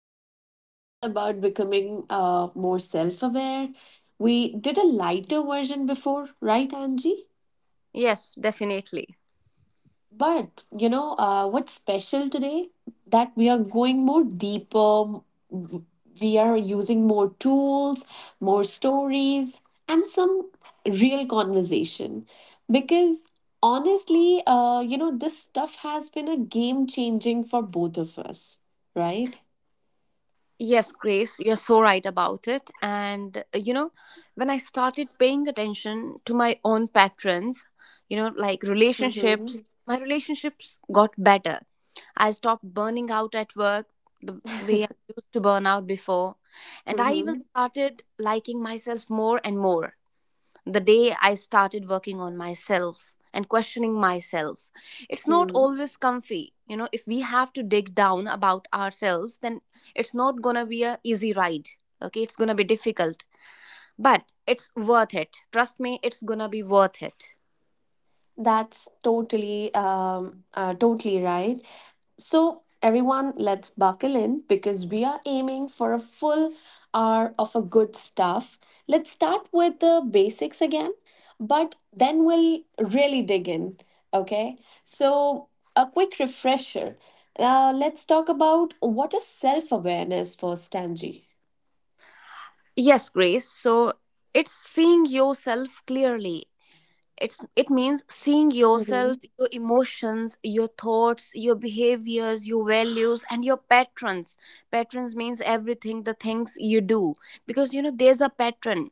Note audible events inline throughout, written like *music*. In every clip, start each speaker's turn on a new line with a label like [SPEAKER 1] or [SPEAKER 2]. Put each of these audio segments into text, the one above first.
[SPEAKER 1] episode is all about becoming more self aware. We did a lighter version before, right, Angie?
[SPEAKER 2] Yes, definitely.
[SPEAKER 1] But what's special today that we are going more deeper. m- We are using more tools, more stories, and some real conversation. Because honestly, this stuff has been a game changing for both of us, right?
[SPEAKER 2] Yes, Grace, you're so right about it. And when I started paying attention to my own patterns, like
[SPEAKER 1] Mm-hmm.
[SPEAKER 2] relationships, my relationships got better. I stopped burning out at work the way I used to burn out before, and I even
[SPEAKER 1] Mm-hmm.
[SPEAKER 2] started liking myself more and more the day I started working on myself and questioning myself. It's not
[SPEAKER 1] Mm.
[SPEAKER 2] always comfy. If we have to dig down about ourselves, then it's not going to be a easy ride. Okay, it's going to be difficult, but it's worth it. Trust me, it's going to be worth it.
[SPEAKER 1] That's totally, um, uh, totally right. So, everyone, let's buckle in because we are aiming for a full hour of a good stuff. Let's start with the basics again, but then we'll really dig in. Okay, so a quick refresher. Let's talk about what is self awareness for Stanji.
[SPEAKER 2] Yes, Grace. So it's seeing yourself clearly. It means seeing yourself,
[SPEAKER 1] Mhm.
[SPEAKER 2] your emotions, your thoughts, your behaviors, your values, and your patterns. Patterns means everything, the things you do, because there's a pattern.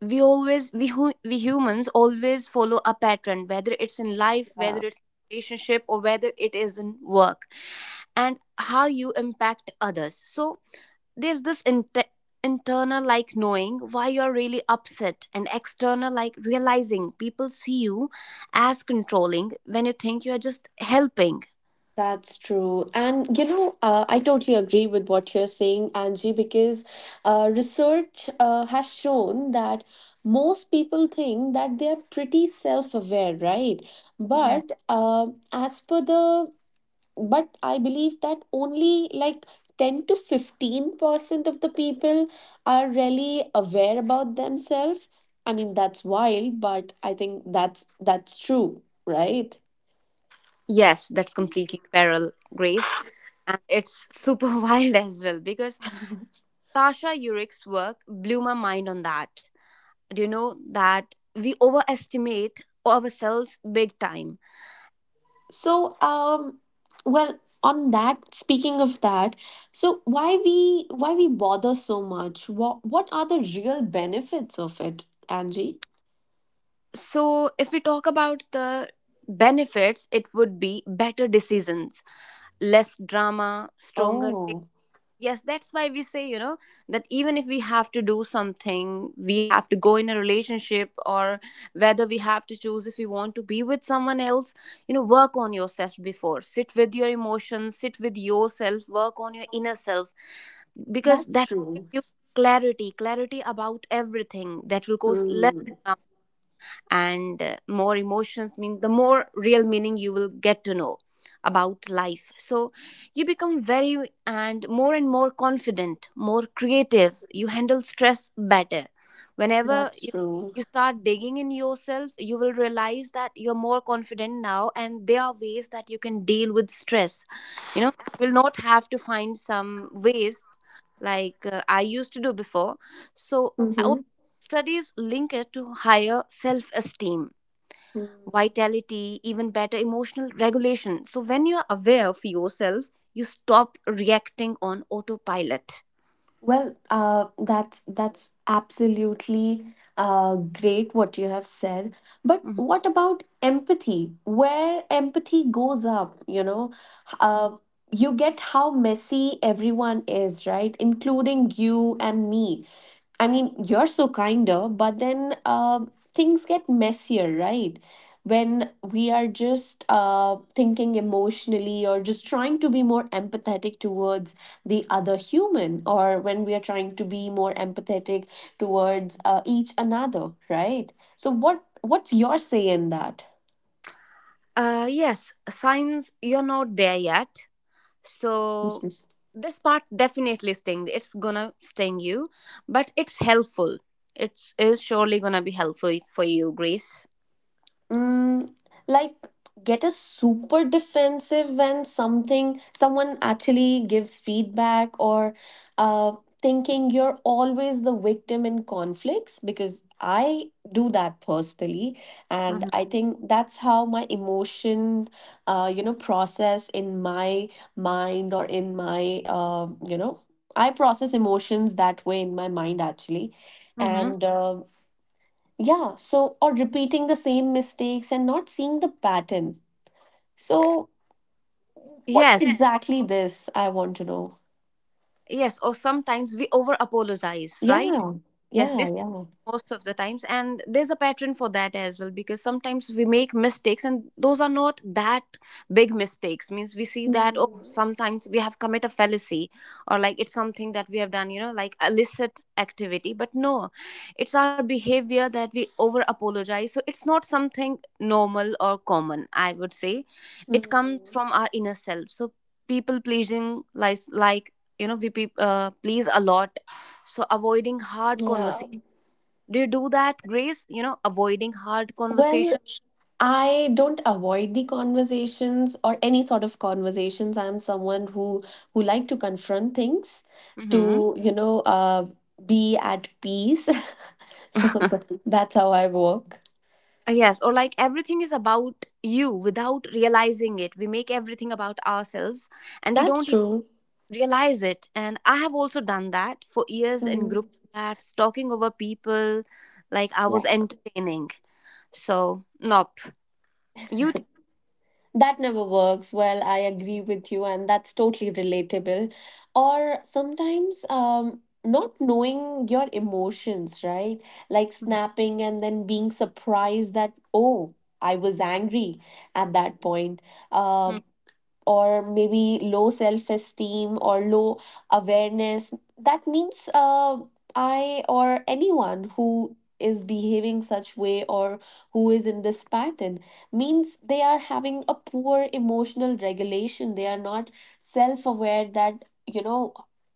[SPEAKER 2] We humans always follow a pattern, whether it's in life, whether it's relationship, or whether it is in work, and how you impact others. So there's this internal, like knowing why you're really upset, and external, like realizing people see you as controlling when you think you're just helping.
[SPEAKER 1] That's true. And you know, I totally agree with what you're saying, Angie, because research has shown that most people think that they're pretty self aware, right?
[SPEAKER 2] Yes,
[SPEAKER 1] But as per the, but I believe that only like 10 to 15% of the people are really aware about themselves. I mean, that's wild, but I think that's true, right?
[SPEAKER 2] yes, that's completely feral, Grace. And it's super *laughs* wild as well because Tasha Yurick's work blew my mind on that. Do you know that we overestimate ourselves big time?
[SPEAKER 1] So, well, on that, speaking of that, so why we bother so much? What are the real benefits of it, Angie?
[SPEAKER 2] So if we talk about the benefits, it would be better decisions, less drama, stronger.
[SPEAKER 1] Oh,
[SPEAKER 2] Yes, that's why we say, that even if we have to do something, we have to go in a relationship, or whether we have to choose if we want to be with someone else, work on yourself before. Sit with your emotions, sit with yourself, work on your inner self, because
[SPEAKER 1] that's
[SPEAKER 2] that will give
[SPEAKER 1] true.
[SPEAKER 2] you clarity, clarity about everything that will cause less,
[SPEAKER 1] Mm,
[SPEAKER 2] and more emotions mean the more real meaning you will get to know about life. So you become very, and more confident, more creative, you handle stress better. Whenever
[SPEAKER 1] that's
[SPEAKER 2] you,
[SPEAKER 1] true.
[SPEAKER 2] you start digging in yourself, you will realize that you're more confident now and there are ways that you can deal with stress. you know you will not have to find some ways like I used to do before. So
[SPEAKER 1] Mm-hmm.
[SPEAKER 2] studies link it to higher self esteem, vitality, even better emotional regulation. So, when you are aware of yourself, you stop reacting on autopilot.
[SPEAKER 1] Well, that's absolutely great what you have said. But
[SPEAKER 2] Mhm.
[SPEAKER 1] what about empathy? Where empathy goes up, you know, uh, you get how messy everyone is, right? Including you and me. I mean, you're so kinder, but then things get messier, right? When we are just thinking emotionally or just trying to be more empathetic towards the other human, or when we are trying to be more empathetic towards each another, right? So, what's your say in that?
[SPEAKER 2] Yes, science, you're not there yet. So,
[SPEAKER 1] *laughs*
[SPEAKER 2] this part definitely sting. It's gonna sting you, but it's helpful. It is surely gonna be helpful for you, Grace.
[SPEAKER 1] Mm, like get a super defensive when something someone actually gives feedback or uh, thinking you're always the victim in conflicts because I do that personally, and
[SPEAKER 2] Hmm.
[SPEAKER 1] I think that's how my emotion process in my mind, or in my I process emotions that way in my mind actually.
[SPEAKER 2] Hmm.
[SPEAKER 1] And yeah, so, or repeating the same mistakes and not seeing the pattern. So, what's, yes,
[SPEAKER 2] Yes.
[SPEAKER 1] exactly this? I want to know.
[SPEAKER 2] Yes, or sometimes we over apologize, right?
[SPEAKER 1] Yeah,
[SPEAKER 2] Yes,
[SPEAKER 1] yeah,
[SPEAKER 2] this
[SPEAKER 1] yeah.
[SPEAKER 2] most of the times, and there's a pattern for that as well, because sometimes we make mistakes and those are not that big mistakes, means we see that, oh,
[SPEAKER 1] Hmm.
[SPEAKER 2] sometimes we have commit a fallacy, or like it's something that we have done, like illicit activity. But no, it's our behavior that we over apologize, so it's not something normal or common, I would say. It comes
[SPEAKER 1] Hmm.
[SPEAKER 2] from our inner self. So people pleasing, like we please a lot. So avoiding hard
[SPEAKER 1] Yeah.
[SPEAKER 2] conversation. Do you do that, Grace? Avoiding hard
[SPEAKER 1] Well,
[SPEAKER 2] conversation.
[SPEAKER 1] I don't avoid the conversations or any sort of conversations. I'm someone who like to confront things,
[SPEAKER 2] Hmm.
[SPEAKER 1] to, you know, be at peace. *laughs* So
[SPEAKER 2] *laughs*
[SPEAKER 1] that's how I work.
[SPEAKER 2] Yes, or like everything is about you. Without realizing it, we make everything about ourselves, and we
[SPEAKER 1] That's
[SPEAKER 2] don't even
[SPEAKER 1] true.
[SPEAKER 2] realize it. And I have also done that for years in
[SPEAKER 1] Hmm.
[SPEAKER 2] group chats, talking over people like I was entertaining. So nope. You
[SPEAKER 1] That never works. Well, I agree with you, and that's totally relatable. Or sometimes, not knowing your emotions, right? Like
[SPEAKER 2] tell.
[SPEAKER 1] snapping and then being surprised that, oh, I was angry at that point. Um, or maybe low self esteem, or low awareness. That means I, or anyone who is behaving such way, or who is in this pattern, means they are having a poor emotional regulation. They are not self aware that, you know,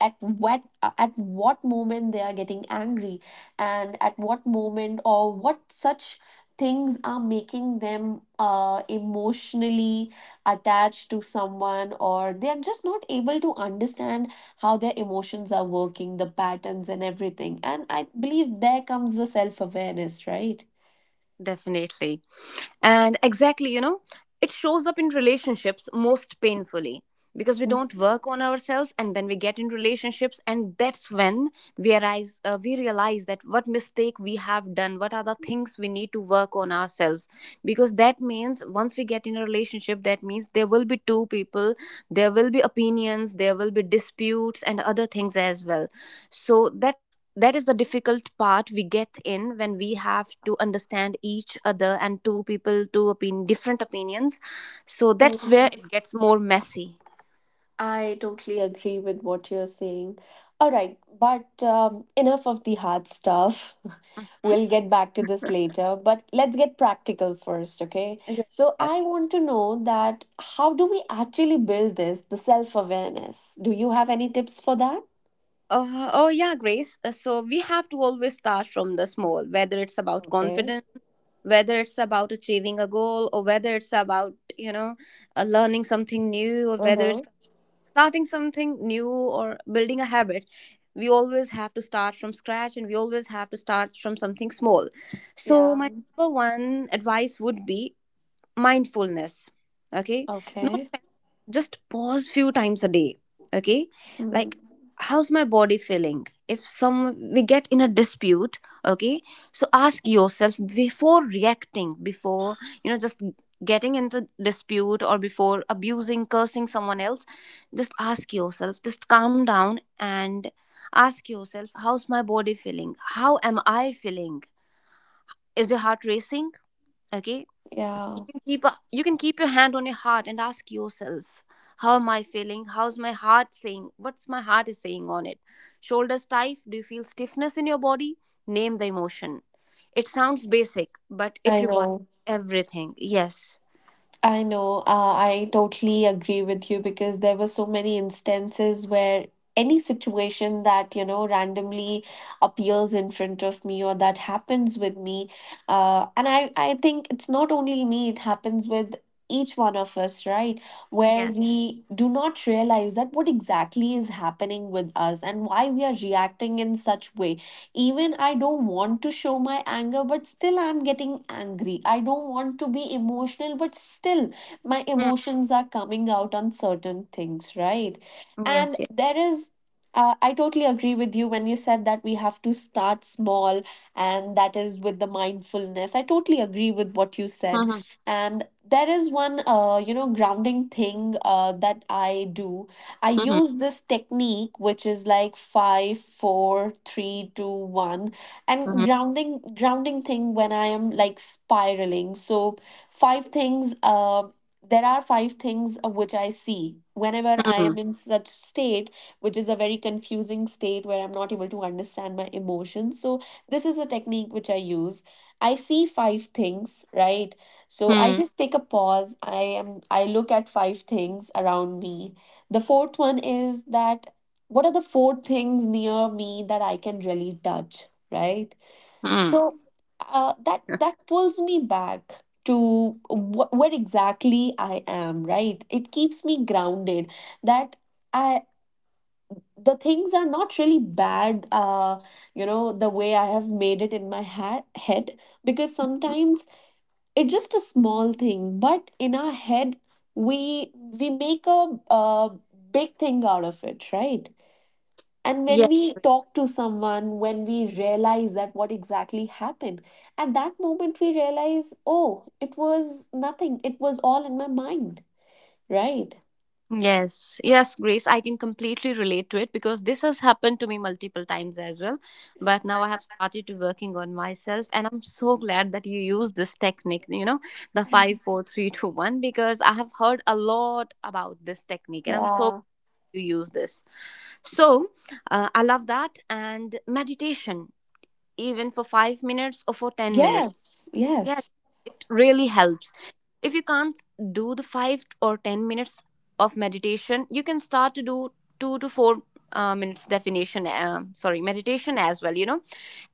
[SPEAKER 1] at what moment they are getting angry, and at what moment, or what such things are making them emotionally attached to someone, or they are just not able to understand how their emotions are working, the patterns and everything. And I believe there comes the self awareness, right?
[SPEAKER 2] Definitely. And exactly, it shows up in relationships most painfully because we
[SPEAKER 1] Mm,
[SPEAKER 2] don't work on ourselves and then we get in relationships, and that's when we realize that what mistake we have done, what are the things we need to work on ourselves. Because that means, once we get in a relationship, that means there will be two people, there will be opinions, there will be disputes, and other things as well. So that is the difficult part we get in when we have to understand each other, and two people, two different opinions. So that's where
[SPEAKER 1] mm.
[SPEAKER 2] it gets more messy.
[SPEAKER 1] I totally agree with what you're saying. All right, but enough of the hard stuff. *laughs*
[SPEAKER 2] Mhm.
[SPEAKER 1] We'll get back to this later, but let's get practical first, okay?
[SPEAKER 2] Yes.
[SPEAKER 1] So
[SPEAKER 2] Yes.
[SPEAKER 1] I want to know that how do we actually build this, the self awareness? Do you have any tips for that?
[SPEAKER 2] Oh, yeah, Grace. So we have to always start from the small, whether it's about
[SPEAKER 1] Okay.
[SPEAKER 2] confidence, whether it's about achieving a goal, or whether it's about, learning something new, or whether
[SPEAKER 1] Uh-huh.
[SPEAKER 2] it's starting something new or building a habit. We always have to start from scratch, and we always have to start from something small. So
[SPEAKER 1] Yeah.
[SPEAKER 2] my number one advice would be mindfulness. Okay, no
[SPEAKER 1] Okay.
[SPEAKER 2] fancy, just pause few times a day. Okay,
[SPEAKER 1] Mm.
[SPEAKER 2] like, how's my body feeling if some we get in a dispute. Okay, so ask yourself before reacting, before just getting into dispute, or before abusing, cursing someone else. Just ask yourself, just calm down, and ask yourself, how's my body feeling, how am I feeling, is your heart racing? Okay,
[SPEAKER 1] Yeah.
[SPEAKER 2] you can keep your hand on your heart and ask yourself, how am I feeling, how's my heart saying, what's my heart is saying on it, shoulders stiff, do you feel stiffness in your body? Name the emotion. It sounds basic, but it
[SPEAKER 1] I
[SPEAKER 2] revives
[SPEAKER 1] know.
[SPEAKER 2] everything. Yes,
[SPEAKER 1] I know. I totally agree with you because there were so many instances where any situation that, you know, randomly appears in front of me or that happens with me, and I think it's not only me, it happens with each one of us, right? Where
[SPEAKER 2] yes.
[SPEAKER 1] we do not realize that what exactly is happening with us and why we are reacting in such ways. Even I don't want to show my anger, but still I'm getting angry. I don't want to be emotional, but still my
[SPEAKER 2] Hmm.
[SPEAKER 1] emotions are coming out on certain things, right? And
[SPEAKER 2] Yes, yes.
[SPEAKER 1] there is I totally agree with you when you said that we have to start small, and that is with the mindfulness. I totally agree with what you said.
[SPEAKER 2] Mm-hmm.
[SPEAKER 1] And there is one, grounding thing that I do. I
[SPEAKER 2] Mm-hmm.
[SPEAKER 1] use this technique, which is like five, four, three, two, one, and
[SPEAKER 2] Mm-hmm.
[SPEAKER 1] grounding thing when I am like spiraling. So five things. There are five things which I see whenever I am in such state, which is a very confusing state where I'm not able to understand my emotions. So this is a technique which I use. I see five things, right? So I
[SPEAKER 2] Mm-hmm.
[SPEAKER 1] just take a pause. I look at five things around me. The fourth one is that what are the four things near me that I can really touch, right?
[SPEAKER 2] Mm-hmm.
[SPEAKER 1] So that pulls me back to where exactly I am, right? It keeps me grounded that I, the things are not really bad, the way I have made it in my head, because
[SPEAKER 2] *laughs*
[SPEAKER 1] sometimes it's just a small thing, but in our head we we make a big thing out of it, right? And
[SPEAKER 2] Yes.
[SPEAKER 1] when we talk to someone, when we realize that what exactly happened at that moment, we realize oh, it was nothing, it was all in my mind, right?
[SPEAKER 2] Yes, yes, Grace, I can completely relate to it because this has happened to me multiple times as well. But now I have started to working on myself, and I'm so glad that you use this technique, the
[SPEAKER 1] *laughs* Mhm.
[SPEAKER 2] five, four, three, two, one, because I have heard a lot about this technique, and I'm so glad
[SPEAKER 1] Yeah.
[SPEAKER 2] you use this. So I love that. And meditation, even for 5 minutes or for 10 minutes,
[SPEAKER 1] Yes,
[SPEAKER 2] yes,
[SPEAKER 1] yes.
[SPEAKER 2] it really helps. If you can't do the five or 10 minutes of meditation, you can start to do 2 to 4 minutes meditation as well. You know,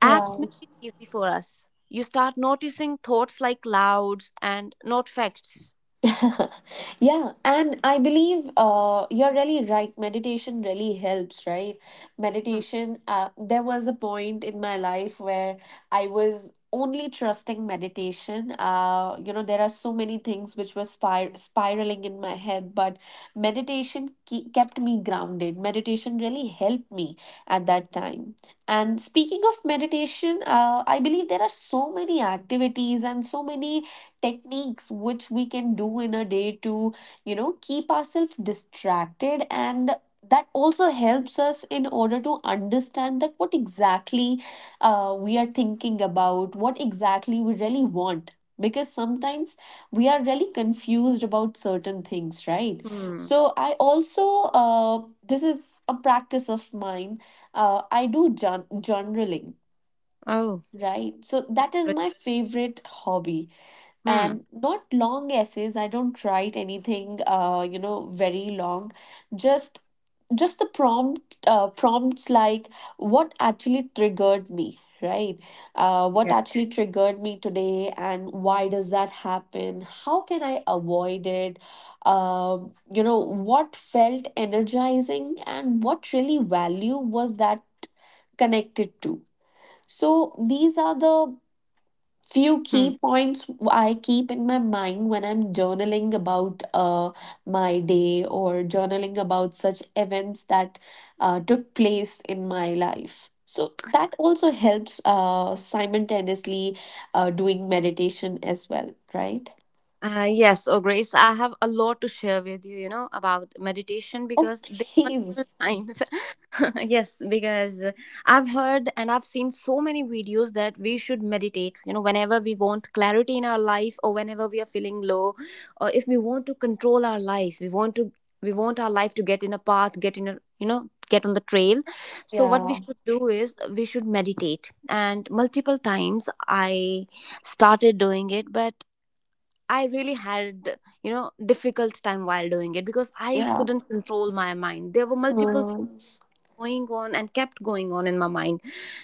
[SPEAKER 2] apps make it easy for us. You start noticing thoughts like clouds and not facts.
[SPEAKER 1] *laughs* Yeah, and I believe you're really right. Meditation really helps, right?
[SPEAKER 2] Hmm.
[SPEAKER 1] Meditation, there was a point in my life where I was only trusting meditation. You know, there are so many things which were spiraling in my head, but meditation kept me grounded. Meditation really helped me at that time. And speaking of meditation, I believe there are so many activities and so many techniques which we can do in a day to, you know, keep ourselves distracted, and that also helps us in order to understand that what exactly we are thinking about, what exactly we really want, because sometimes we are really confused about certain things, right?
[SPEAKER 2] Hmm.
[SPEAKER 1] So I also, uh, this is a practice of mine, I do journaling,
[SPEAKER 2] Oh.
[SPEAKER 1] right? So that is
[SPEAKER 2] Great.
[SPEAKER 1] my favorite hobby.
[SPEAKER 2] Hmm.
[SPEAKER 1] And not long essays, I don't write anything very long. Just the prompts, like what actually triggered me, right? What
[SPEAKER 2] Yeah.
[SPEAKER 1] actually triggered me today and why does that happen, how can I avoid it, you know, what felt energizing and what really value was that connected to. So these are the few
[SPEAKER 2] Hmm.
[SPEAKER 1] key points I keep in my mind when I'm journaling about my day, or journaling about such events that took place in my life. So that also helps simultaneously doing meditation as well, right?
[SPEAKER 2] Yes, oh, Grace, I have a lot to share with you, about meditation
[SPEAKER 1] Oh,
[SPEAKER 2] because there are
[SPEAKER 1] please.
[SPEAKER 2] multiple *laughs* times. *laughs* Yes, because I've heard and I've seen so many videos that we should meditate, whenever we want clarity in our life, or whenever we are feeling low, or if we want to control our life, we want our life to get in a path, get in a you know, get on the trail. So what we
[SPEAKER 1] Yeah.
[SPEAKER 2] should do is we should meditate. And multiple times I started doing it, but I really had, difficult time while doing it because I
[SPEAKER 1] Yeah.
[SPEAKER 2] couldn't control my mind. There were multiple
[SPEAKER 1] Mm,
[SPEAKER 2] going on and kept going on in my mind.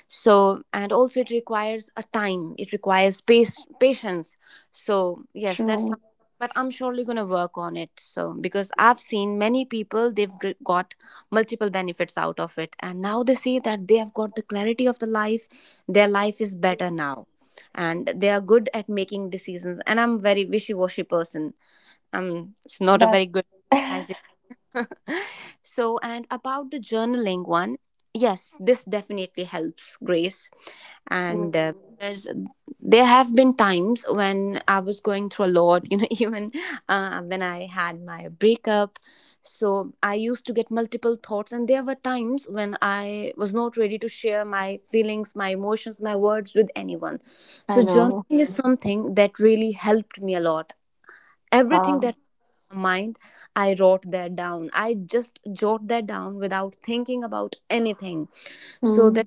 [SPEAKER 2] So and also it requires a time, it requires space, patience. So yes,
[SPEAKER 1] true.
[SPEAKER 2] but I'm surely going to work on it. So because I've seen many people, they've got multiple benefits out of it, and now they say that they have got the clarity of the life, their life is better now, and they are good at making decisions. And I'm very wishy-washy person, I'm it's not a
[SPEAKER 1] That.
[SPEAKER 2] very good
[SPEAKER 1] *laughs*
[SPEAKER 2] decisive. *laughs* So, and about the journaling one, yes, this definitely helps, Grace.
[SPEAKER 1] Mm,
[SPEAKER 2] And because there have been times when I was going through a lot, *laughs* even when I had my breakup. So, I used to get multiple thoughts, and there were times when I was not ready to share my feelings, my emotions, my words with anyone. So,
[SPEAKER 1] I
[SPEAKER 2] journaling
[SPEAKER 1] know.
[SPEAKER 2] is something that really helped me a lot. Everything
[SPEAKER 1] Uh,
[SPEAKER 2] that mind, I wrote that down, I just jot that down without thinking about anything. So
[SPEAKER 1] mm,
[SPEAKER 2] that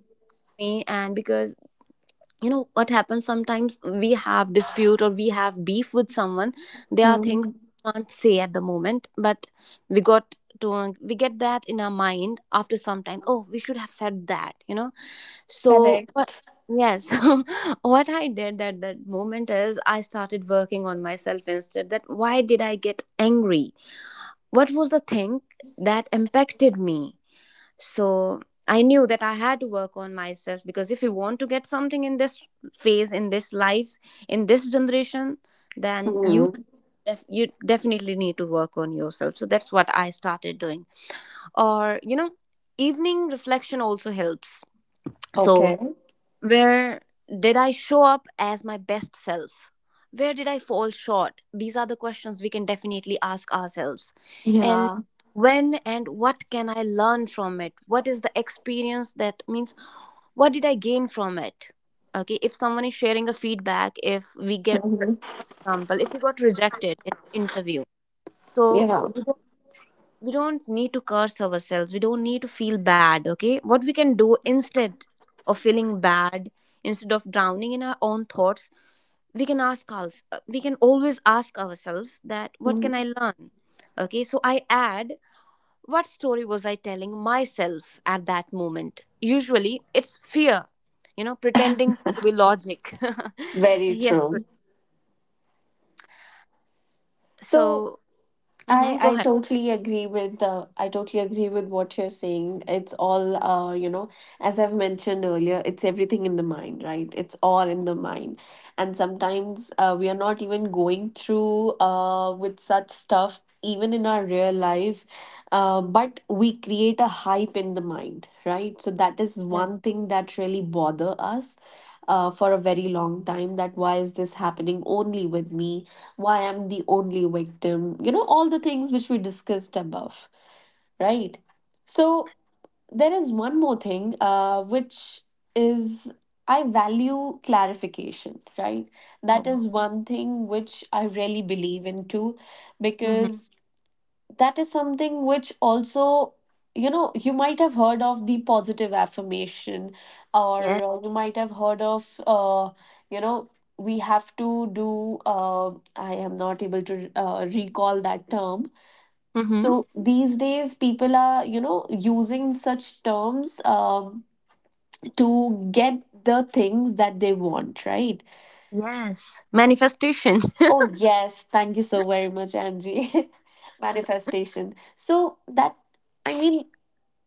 [SPEAKER 2] me, and because you know what happens, sometimes we have dispute or we have beef with someone, there are things
[SPEAKER 1] mm,
[SPEAKER 2] we can't say at the moment, but we got to we get that in our mind after some time. Oh, we should have said that. So
[SPEAKER 1] correct.
[SPEAKER 2] what? Yes. *laughs* What I did at that moment is I started working on myself instead. That why did I get angry, what was the thing that impacted me? So I knew that I had to work on myself because if you want to get something in this phase, in this life, in this generation, then
[SPEAKER 1] Mm.
[SPEAKER 2] you definitely need to work on yourself. So that's what I started doing. Or evening reflection also helps. So
[SPEAKER 1] Okay.
[SPEAKER 2] where did I show up as my best self? Where did I fall short? These are the questions we can definitely ask ourselves. And
[SPEAKER 1] Yeah.
[SPEAKER 2] when and what can I learn from it? What is the experience that means what did I gain from it? Okay, if someone is sharing a feedback, if we get,
[SPEAKER 1] Mhm.
[SPEAKER 2] for example, if we got rejected in an interview, so
[SPEAKER 1] Yeah.
[SPEAKER 2] we don't need to curse ourselves, we don't need to feel bad. Okay, what we can do instead of feeling bad, instead of drowning in our own thoughts, we can ask us we can always ask ourselves that what can I
[SPEAKER 1] Mm.
[SPEAKER 2] learn. Okay, so I add, what story was I telling myself at that moment? Usually it's fear, you know, pretending to be logic. *laughs*
[SPEAKER 1] Very
[SPEAKER 2] yes, Prit.
[SPEAKER 1] true. So,
[SPEAKER 2] So,
[SPEAKER 1] I
[SPEAKER 2] go
[SPEAKER 1] I
[SPEAKER 2] ahead.
[SPEAKER 1] totally agree with what you're saying. It's all you know, as I've mentioned earlier, it's everything in the mind, right? It's all in the mind. And sometimes we are not even going through with such stuff even in our real life, but we create a hype in the mind, right? So that is
[SPEAKER 2] Yes.
[SPEAKER 1] one thing that really bother us. For a very long time, that why is this happening only with me, why I'm the only victim, you know, all the things which we discussed above, right? So there is one more thing, which is I value clarification, right? That
[SPEAKER 2] Oh.
[SPEAKER 1] is one thing which I really believe into,
[SPEAKER 2] Hmm.
[SPEAKER 1] because that is something which also, you know, you might have heard of the positive affirmation, or
[SPEAKER 2] Yes.
[SPEAKER 1] you might have heard of you know we have to do, I am not able to recall that term. So
[SPEAKER 2] Hmm.
[SPEAKER 1] these days people are, you know, using such terms to get the things that they want, right?
[SPEAKER 2] Yes. Manifestation.
[SPEAKER 1] Oh yes, thank you so very much, Angie. *laughs* Manifestation, so that, I mean,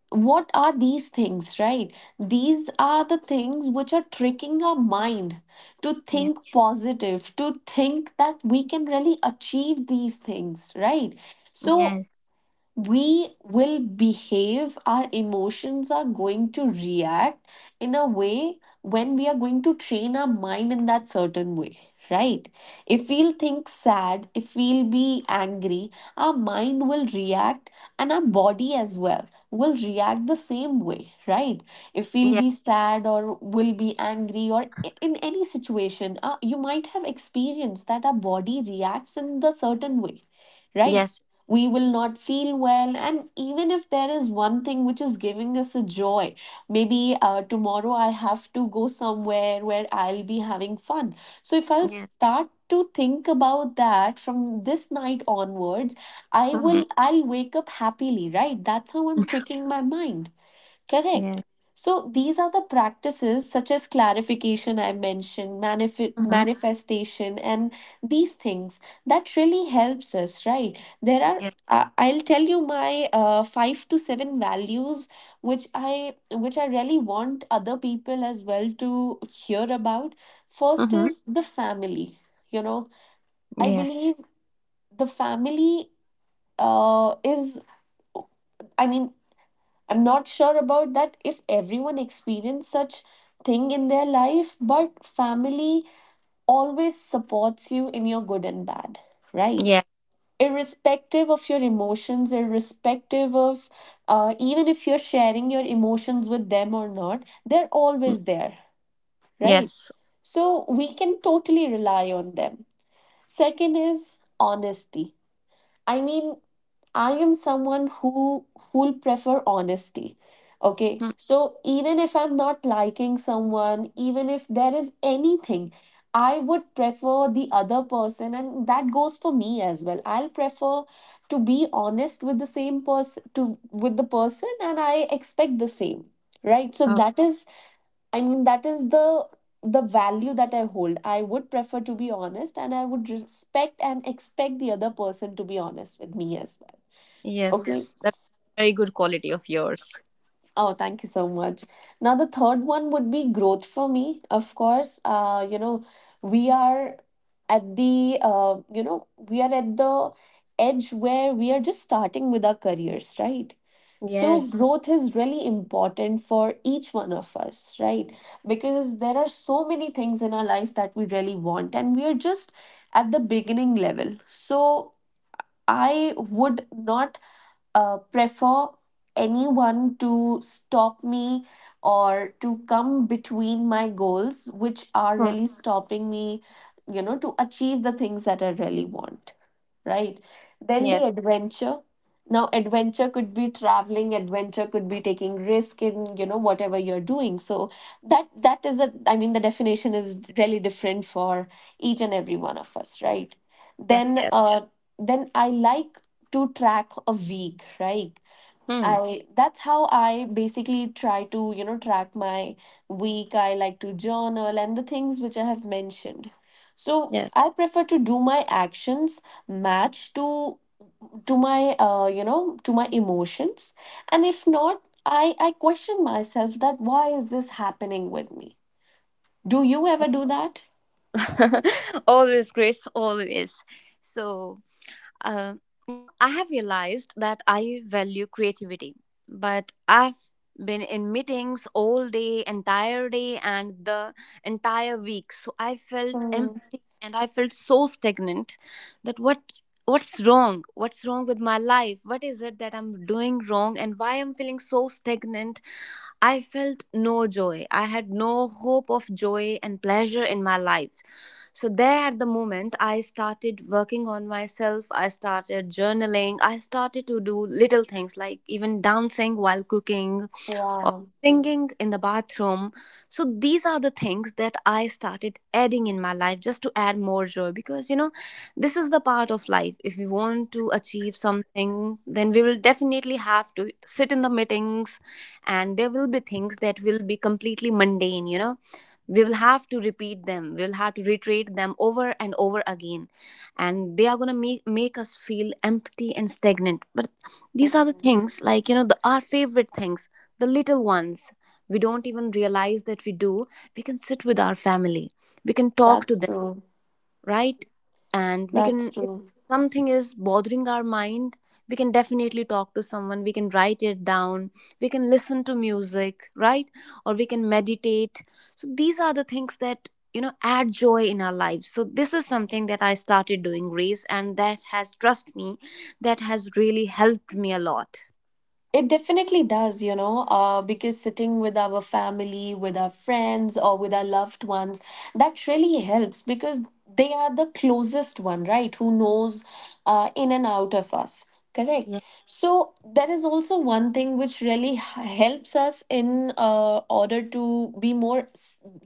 [SPEAKER 1] what are these things, right? These are the things which are tricking our mind to think
[SPEAKER 2] *laughs*
[SPEAKER 1] positive, to think that we can really achieve these things, right? So
[SPEAKER 2] Yes.
[SPEAKER 1] we will behave, our emotions are going to react in a way when we are going to train our mind in that certain way, right? If we'll think sad, if we'll be angry, our mind will react and our body as well will react the same way, right? If we'll
[SPEAKER 2] Yeah.
[SPEAKER 1] be sad or will be angry in any situation, you might have experienced that our body reacts in the certain way, right?
[SPEAKER 2] Yes.
[SPEAKER 1] We will not feel well, and even if there is one thing which is giving us a joy, maybe tomorrow I have to go somewhere where I'll be having fun. So if I'll
[SPEAKER 2] Yeah.
[SPEAKER 1] start to think about that from this night onwards, i
[SPEAKER 2] Mm-hmm.
[SPEAKER 1] will i'll wake up happily, right? That's how I'm tricking my mind. Correct.
[SPEAKER 2] Yes.
[SPEAKER 1] So these are the practices such as clarification I mentioned,
[SPEAKER 2] Mm-hmm.
[SPEAKER 1] manifestation, and these things that really helps us, right? There are.
[SPEAKER 2] Yes.
[SPEAKER 1] I'll tell you my five to seven values, which I really want other people as well to hear about. First
[SPEAKER 2] Mm-hmm.
[SPEAKER 1] is the family. You know, I
[SPEAKER 2] Yes.
[SPEAKER 1] believe the family is. I mean, I'm not sure about that if everyone experienced such thing in their life, but family always supports you in your good and bad, right?
[SPEAKER 2] Yeah.
[SPEAKER 1] Irrespective of your emotions, irrespective of even if you're sharing your emotions with them or not, they're
[SPEAKER 2] Mm.
[SPEAKER 1] always there, right?
[SPEAKER 2] Yes.
[SPEAKER 1] So we can totally rely on them. Second is honesty. I mean, I am someone who'll prefer honesty. Okay,
[SPEAKER 2] Mm.
[SPEAKER 1] so even if I'm not liking someone, even if there is anything, I would prefer the other person, and that goes for me as well. I'll prefer to be honest with the same person to with the person, and I expect the same, right? So
[SPEAKER 2] Oh.
[SPEAKER 1] that is, I mean, that is the value that I hold. I would prefer to be honest, and I would respect and expect the other person to be honest with me as well. Okay.
[SPEAKER 2] Yes. That's very good quality of yours.
[SPEAKER 1] Oh, thank you so much. Now, the third one would be growth for me. Of course, you know, we are at the, you know, we are at the edge where we are just starting with our careers, right? So,
[SPEAKER 2] Yes.
[SPEAKER 1] growth is really important for each one of us, right? Because there are so many things in our life that we really want, and we are just at the beginning level. So, I would not prefer anyone to stop me or to come between my goals, which are
[SPEAKER 2] Mm.
[SPEAKER 1] really stopping me, you know, to achieve the things that I really want, right? Then the
[SPEAKER 2] Yes.
[SPEAKER 1] adventure. Now, adventure could be traveling, adventure could be taking risk in, you know, whatever you're doing. So that is a, I mean, the definition is really different for each and every one of us, right?
[SPEAKER 2] Yes.
[SPEAKER 1] Then,
[SPEAKER 2] Yes.
[SPEAKER 1] uh, then I like to track a week, right?
[SPEAKER 2] Hmm.
[SPEAKER 1] I That's how I basically try to, you know, track my week. I like to journal and the things which I have mentioned. So
[SPEAKER 2] Yes.
[SPEAKER 1] I prefer to do my actions match to my you know, to my emotions, and if not, I question myself, that why is this happening with me? Do you ever do that?
[SPEAKER 2] *laughs* always, Grace. Always. So, Uh, you know, I have realized that I value creativity, but I've been in meetings all day, entire day, and the entire week. So I felt
[SPEAKER 1] Hmm,
[SPEAKER 2] empty and I felt so stagnant that what's wrong with my life, what is it that I'm doing wrong, and why I'm feeling so stagnant. I felt no joy. I had no hope of joy and pleasure in my life. So, there at the moment, I started working on myself. I started journaling. I started to do little things like even dancing while cooking or
[SPEAKER 1] yeah.
[SPEAKER 2] singing in the bathroom. So these are the things that I started adding in my life just to add more joy, because you know, this is the part of life. If we want to achieve something, then we will definitely have to sit in the meetings, and there will be things that will be completely mundane. You know, we will have to repeat them, we will have to reiterate them over and over again, and they are going to make us feel empty and stagnant. But these are the
[SPEAKER 1] Hmm.
[SPEAKER 2] things like, you know, the our favorite things, the little ones, we don't even realize that we do. We can sit with our family, we can talk to
[SPEAKER 1] That's
[SPEAKER 2] them,
[SPEAKER 1] true.
[SPEAKER 2] right? And we
[SPEAKER 1] That's
[SPEAKER 2] can, if
[SPEAKER 1] true.
[SPEAKER 2] something is bothering our mind, we can definitely talk to someone, we can write it down, we can listen to music, right? Or we can meditate. So these are the things that, you know, add joy in our lives. So this is something that I started doing, Grace, and that has, trust me, that has really helped me a lot.
[SPEAKER 1] It definitely does, you know, because sitting with our family, with our friends, or with our loved ones, that really helps because they are the closest one, right? Who knows in and out of us, correct?
[SPEAKER 2] Yeah.
[SPEAKER 1] So, there is also one thing which really helps us in order to be more,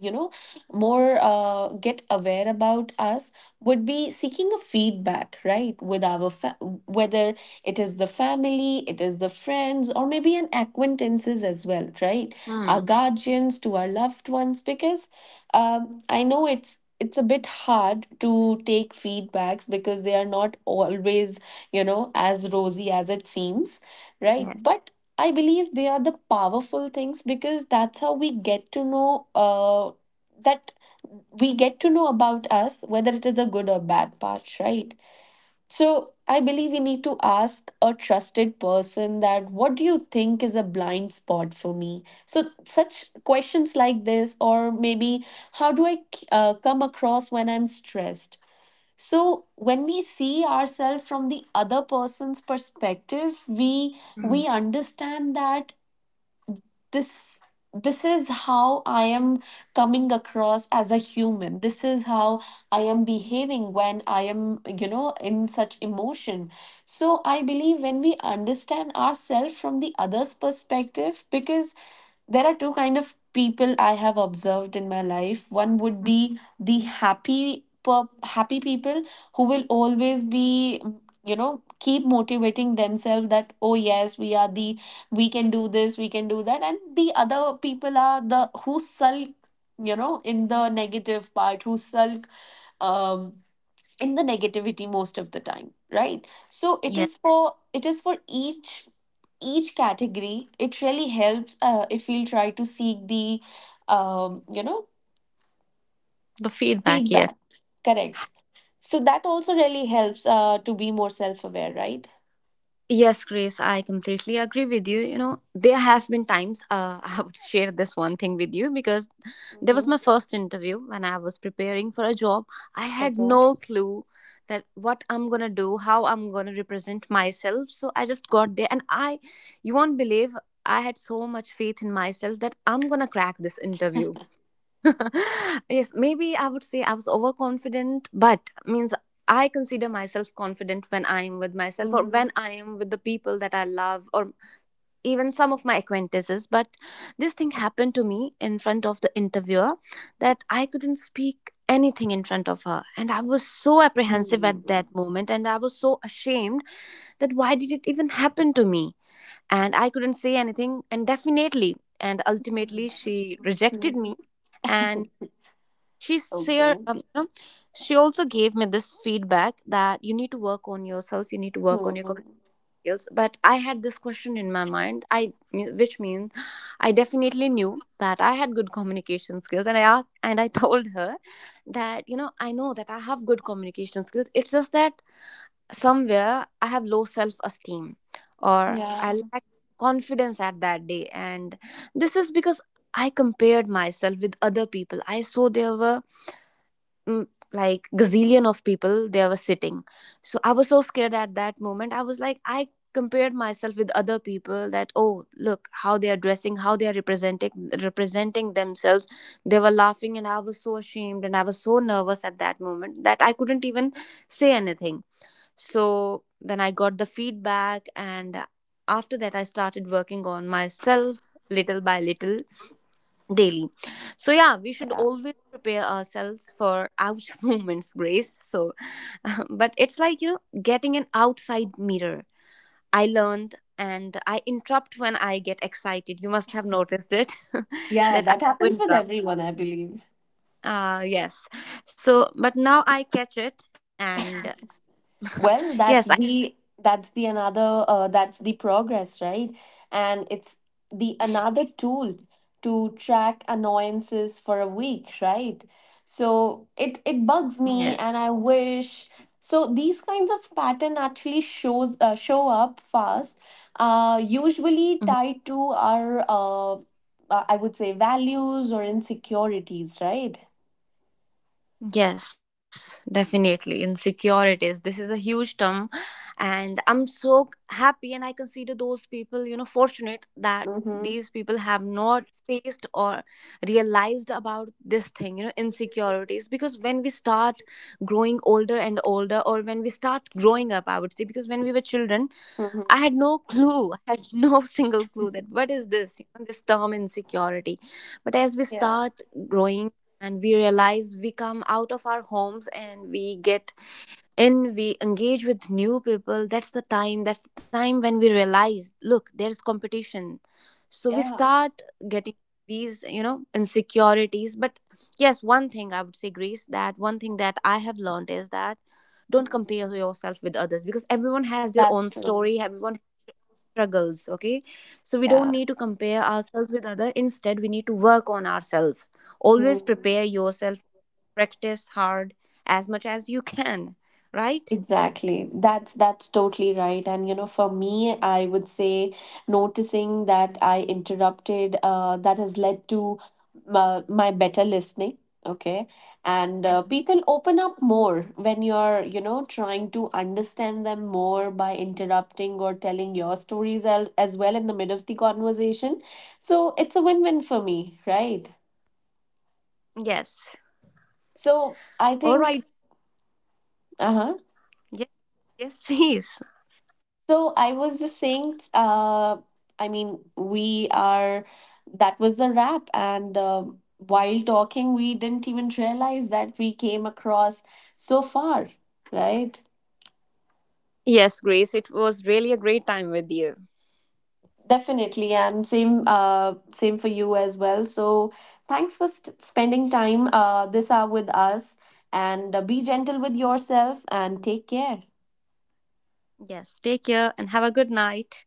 [SPEAKER 1] you know, more get aware about us, would be seeking a feedback, right? With our whether it is the family, it is the friends, or maybe an acquaintances as well, right? Our
[SPEAKER 2] Hmm.
[SPEAKER 1] guardians to our loved ones, because I know it's a bit hard to take feedbacks because they are not always, you know, as rosy as it seems, right?
[SPEAKER 2] Yes.
[SPEAKER 1] But I believe they are the powerful things, because that's how we get to know that we get to know about us, whether it is a good or bad part, right? So I believe we need to ask a trusted person, that what do you think is a blind spot for me? So such questions like this, or maybe how do I come across when I'm stressed? So when we see ourselves from the other person's perspective,
[SPEAKER 2] Hmm.
[SPEAKER 1] we understand that this this is how I am coming across as a human, this is how I am behaving when I am, you know, in such emotion. So I believe when we understand ourselves from the other's perspective, because there are two kind of people I have observed in my life. One would be the happy people who will always be you know, keep motivating themselves, that oh yes, we are the, we can do this, we can do that, and the other people are the who sulk, you know, in the negative part, who sulk, um in the negativity most of the time, right? So it
[SPEAKER 2] Yes.
[SPEAKER 1] is for, it is for each category, it really helps if we'll try to seek the you know,
[SPEAKER 2] The feedback, yes.
[SPEAKER 1] feedback, correct? So that also really helps to be more self-aware, right?
[SPEAKER 2] Yes, Grace, I completely agree with you. You know, there have been times *laughs* I would share this one thing with you, because there was
[SPEAKER 1] Mm-hmm.
[SPEAKER 2] my first interview when I was preparing for a job. I had
[SPEAKER 1] Okay.
[SPEAKER 2] no clue that what I'm going to do, how I'm going to represent myself. So I just got there and I, you won't believe, I had so much faith in myself that I'm going to crack this interview.
[SPEAKER 1] *laughs*
[SPEAKER 2] *laughs* yes, maybe I would say I was overconfident, but means I consider myself confident when I am with myself or
[SPEAKER 1] mm-hmm.
[SPEAKER 2] when I am with the people that I love or even some of my acquaintances. But this thing happened to me in front of the interviewer, that I couldn't speak anything in front of her, and I was so apprehensive at that moment, and I was so ashamed that why did it even happen to me, and I couldn't say anything, and definitely and ultimately
[SPEAKER 1] Mm-hmm.
[SPEAKER 2] she rejected me. And she share
[SPEAKER 1] Okay.
[SPEAKER 2] you know, she also gave me this feedback that you need to work on yourself, you need to work on your
[SPEAKER 1] Hmm.
[SPEAKER 2] communication skills. But I had this question in my mind, I, which means I definitely knew that I had good communication skills, and I asked and I *laughs* told her that, you know, I know that I have good communication skills, it's just that somewhere I have low self esteem, or
[SPEAKER 1] Yeah.
[SPEAKER 2] I lack confidence at that day. And this is because I compared myself with other people. I saw there were mm, like gazillion of people, they were sitting. So I was so scared at that moment, I was like I compared myself with other people, that oh, look how they are dressing, how they are representing themselves, they were laughing, and I was so ashamed, and I was so nervous at that moment that I couldn't even say anything. So then I got the feedback, and after that I started working on myself, little by little, daily. So yeah, we should
[SPEAKER 1] Yeah,
[SPEAKER 2] always prepare ourselves for out *laughs* moments, Grace. So, *laughs* but it's like, you know, getting an outside mirror. I learned and I interrupt when I get excited. You must have noticed it, *laughs*
[SPEAKER 1] yeah,
[SPEAKER 2] that I
[SPEAKER 1] that
[SPEAKER 2] do
[SPEAKER 1] happens with
[SPEAKER 2] interrupt.
[SPEAKER 1] everyone, I believe.
[SPEAKER 2] Yes. So, but now I catch it and *laughs*
[SPEAKER 1] Well,
[SPEAKER 2] yes, I
[SPEAKER 1] that's the, that's the another that's the progress, right? And it's the another tool to track annoyances for a week, right? So it
[SPEAKER 2] yes.
[SPEAKER 1] it bugs me, and I wish, so these kinds of pattern actually shows show up fast, usually
[SPEAKER 2] Mm-hmm.
[SPEAKER 1] tied to our I would say values or insecurities, right?
[SPEAKER 2] Yes, definitely. Insecurities. This is a huge term. And I'm so happy, and I consider those people, you know, fortunate that
[SPEAKER 1] Mm-hmm.
[SPEAKER 2] these people have not faced or realized about this thing, you know, insecurities. Because when we start growing older and older, or when we start growing up, I would say, because when we were children, I
[SPEAKER 1] Mm-hmm.
[SPEAKER 2] had no clue, *laughs* I had no *laughs* single clue that what is this, you know, this term insecurity. But as we
[SPEAKER 1] Yeah.
[SPEAKER 2] start growing and we realize we come out of our homes and we get in, we engage with new people, that's the time when we realize, look, there's competition. So we
[SPEAKER 1] Yeah.
[SPEAKER 2] start getting these, you know, insecurities. But yes, one thing I would say, Grace, that one thing that I have learned is that don't
[SPEAKER 1] Mhm.
[SPEAKER 2] compare yourself with others, because everyone has their
[SPEAKER 1] That's
[SPEAKER 2] own
[SPEAKER 1] true.
[SPEAKER 2] story, everyone struggles, okay? So we don't
[SPEAKER 1] Yeah.
[SPEAKER 2] need to compare ourselves with other, instead we need to work on ourselves, always
[SPEAKER 1] Mm.
[SPEAKER 2] prepare yourself, practice hard as much as you can, right?
[SPEAKER 1] Exactly. That's totally right. And you know, for me, I would say noticing that I interrupted, that has led to my better listening. Okay. And
[SPEAKER 2] Mhm.
[SPEAKER 1] people open up more when you're, you know, trying to understand them more by interrupting or telling your stories as well in the middle of the conversation. So it's a win-win for me, right?
[SPEAKER 2] Yes.
[SPEAKER 1] So I
[SPEAKER 2] All right.
[SPEAKER 1] think, uh-huh.
[SPEAKER 2] Yes. Yes, *laughs* please.
[SPEAKER 1] So I was just saying, I mean, we are, that was the wrap. And while talking, we didn't even realize that we came across so far, right?
[SPEAKER 2] Yes, Grace, it was really a great time with you.
[SPEAKER 1] Definitely. And same, same for you as well. So thanks for st spending time this hour with us. And be gentle with yourself and take care.
[SPEAKER 2] Yes, take care and have a good night.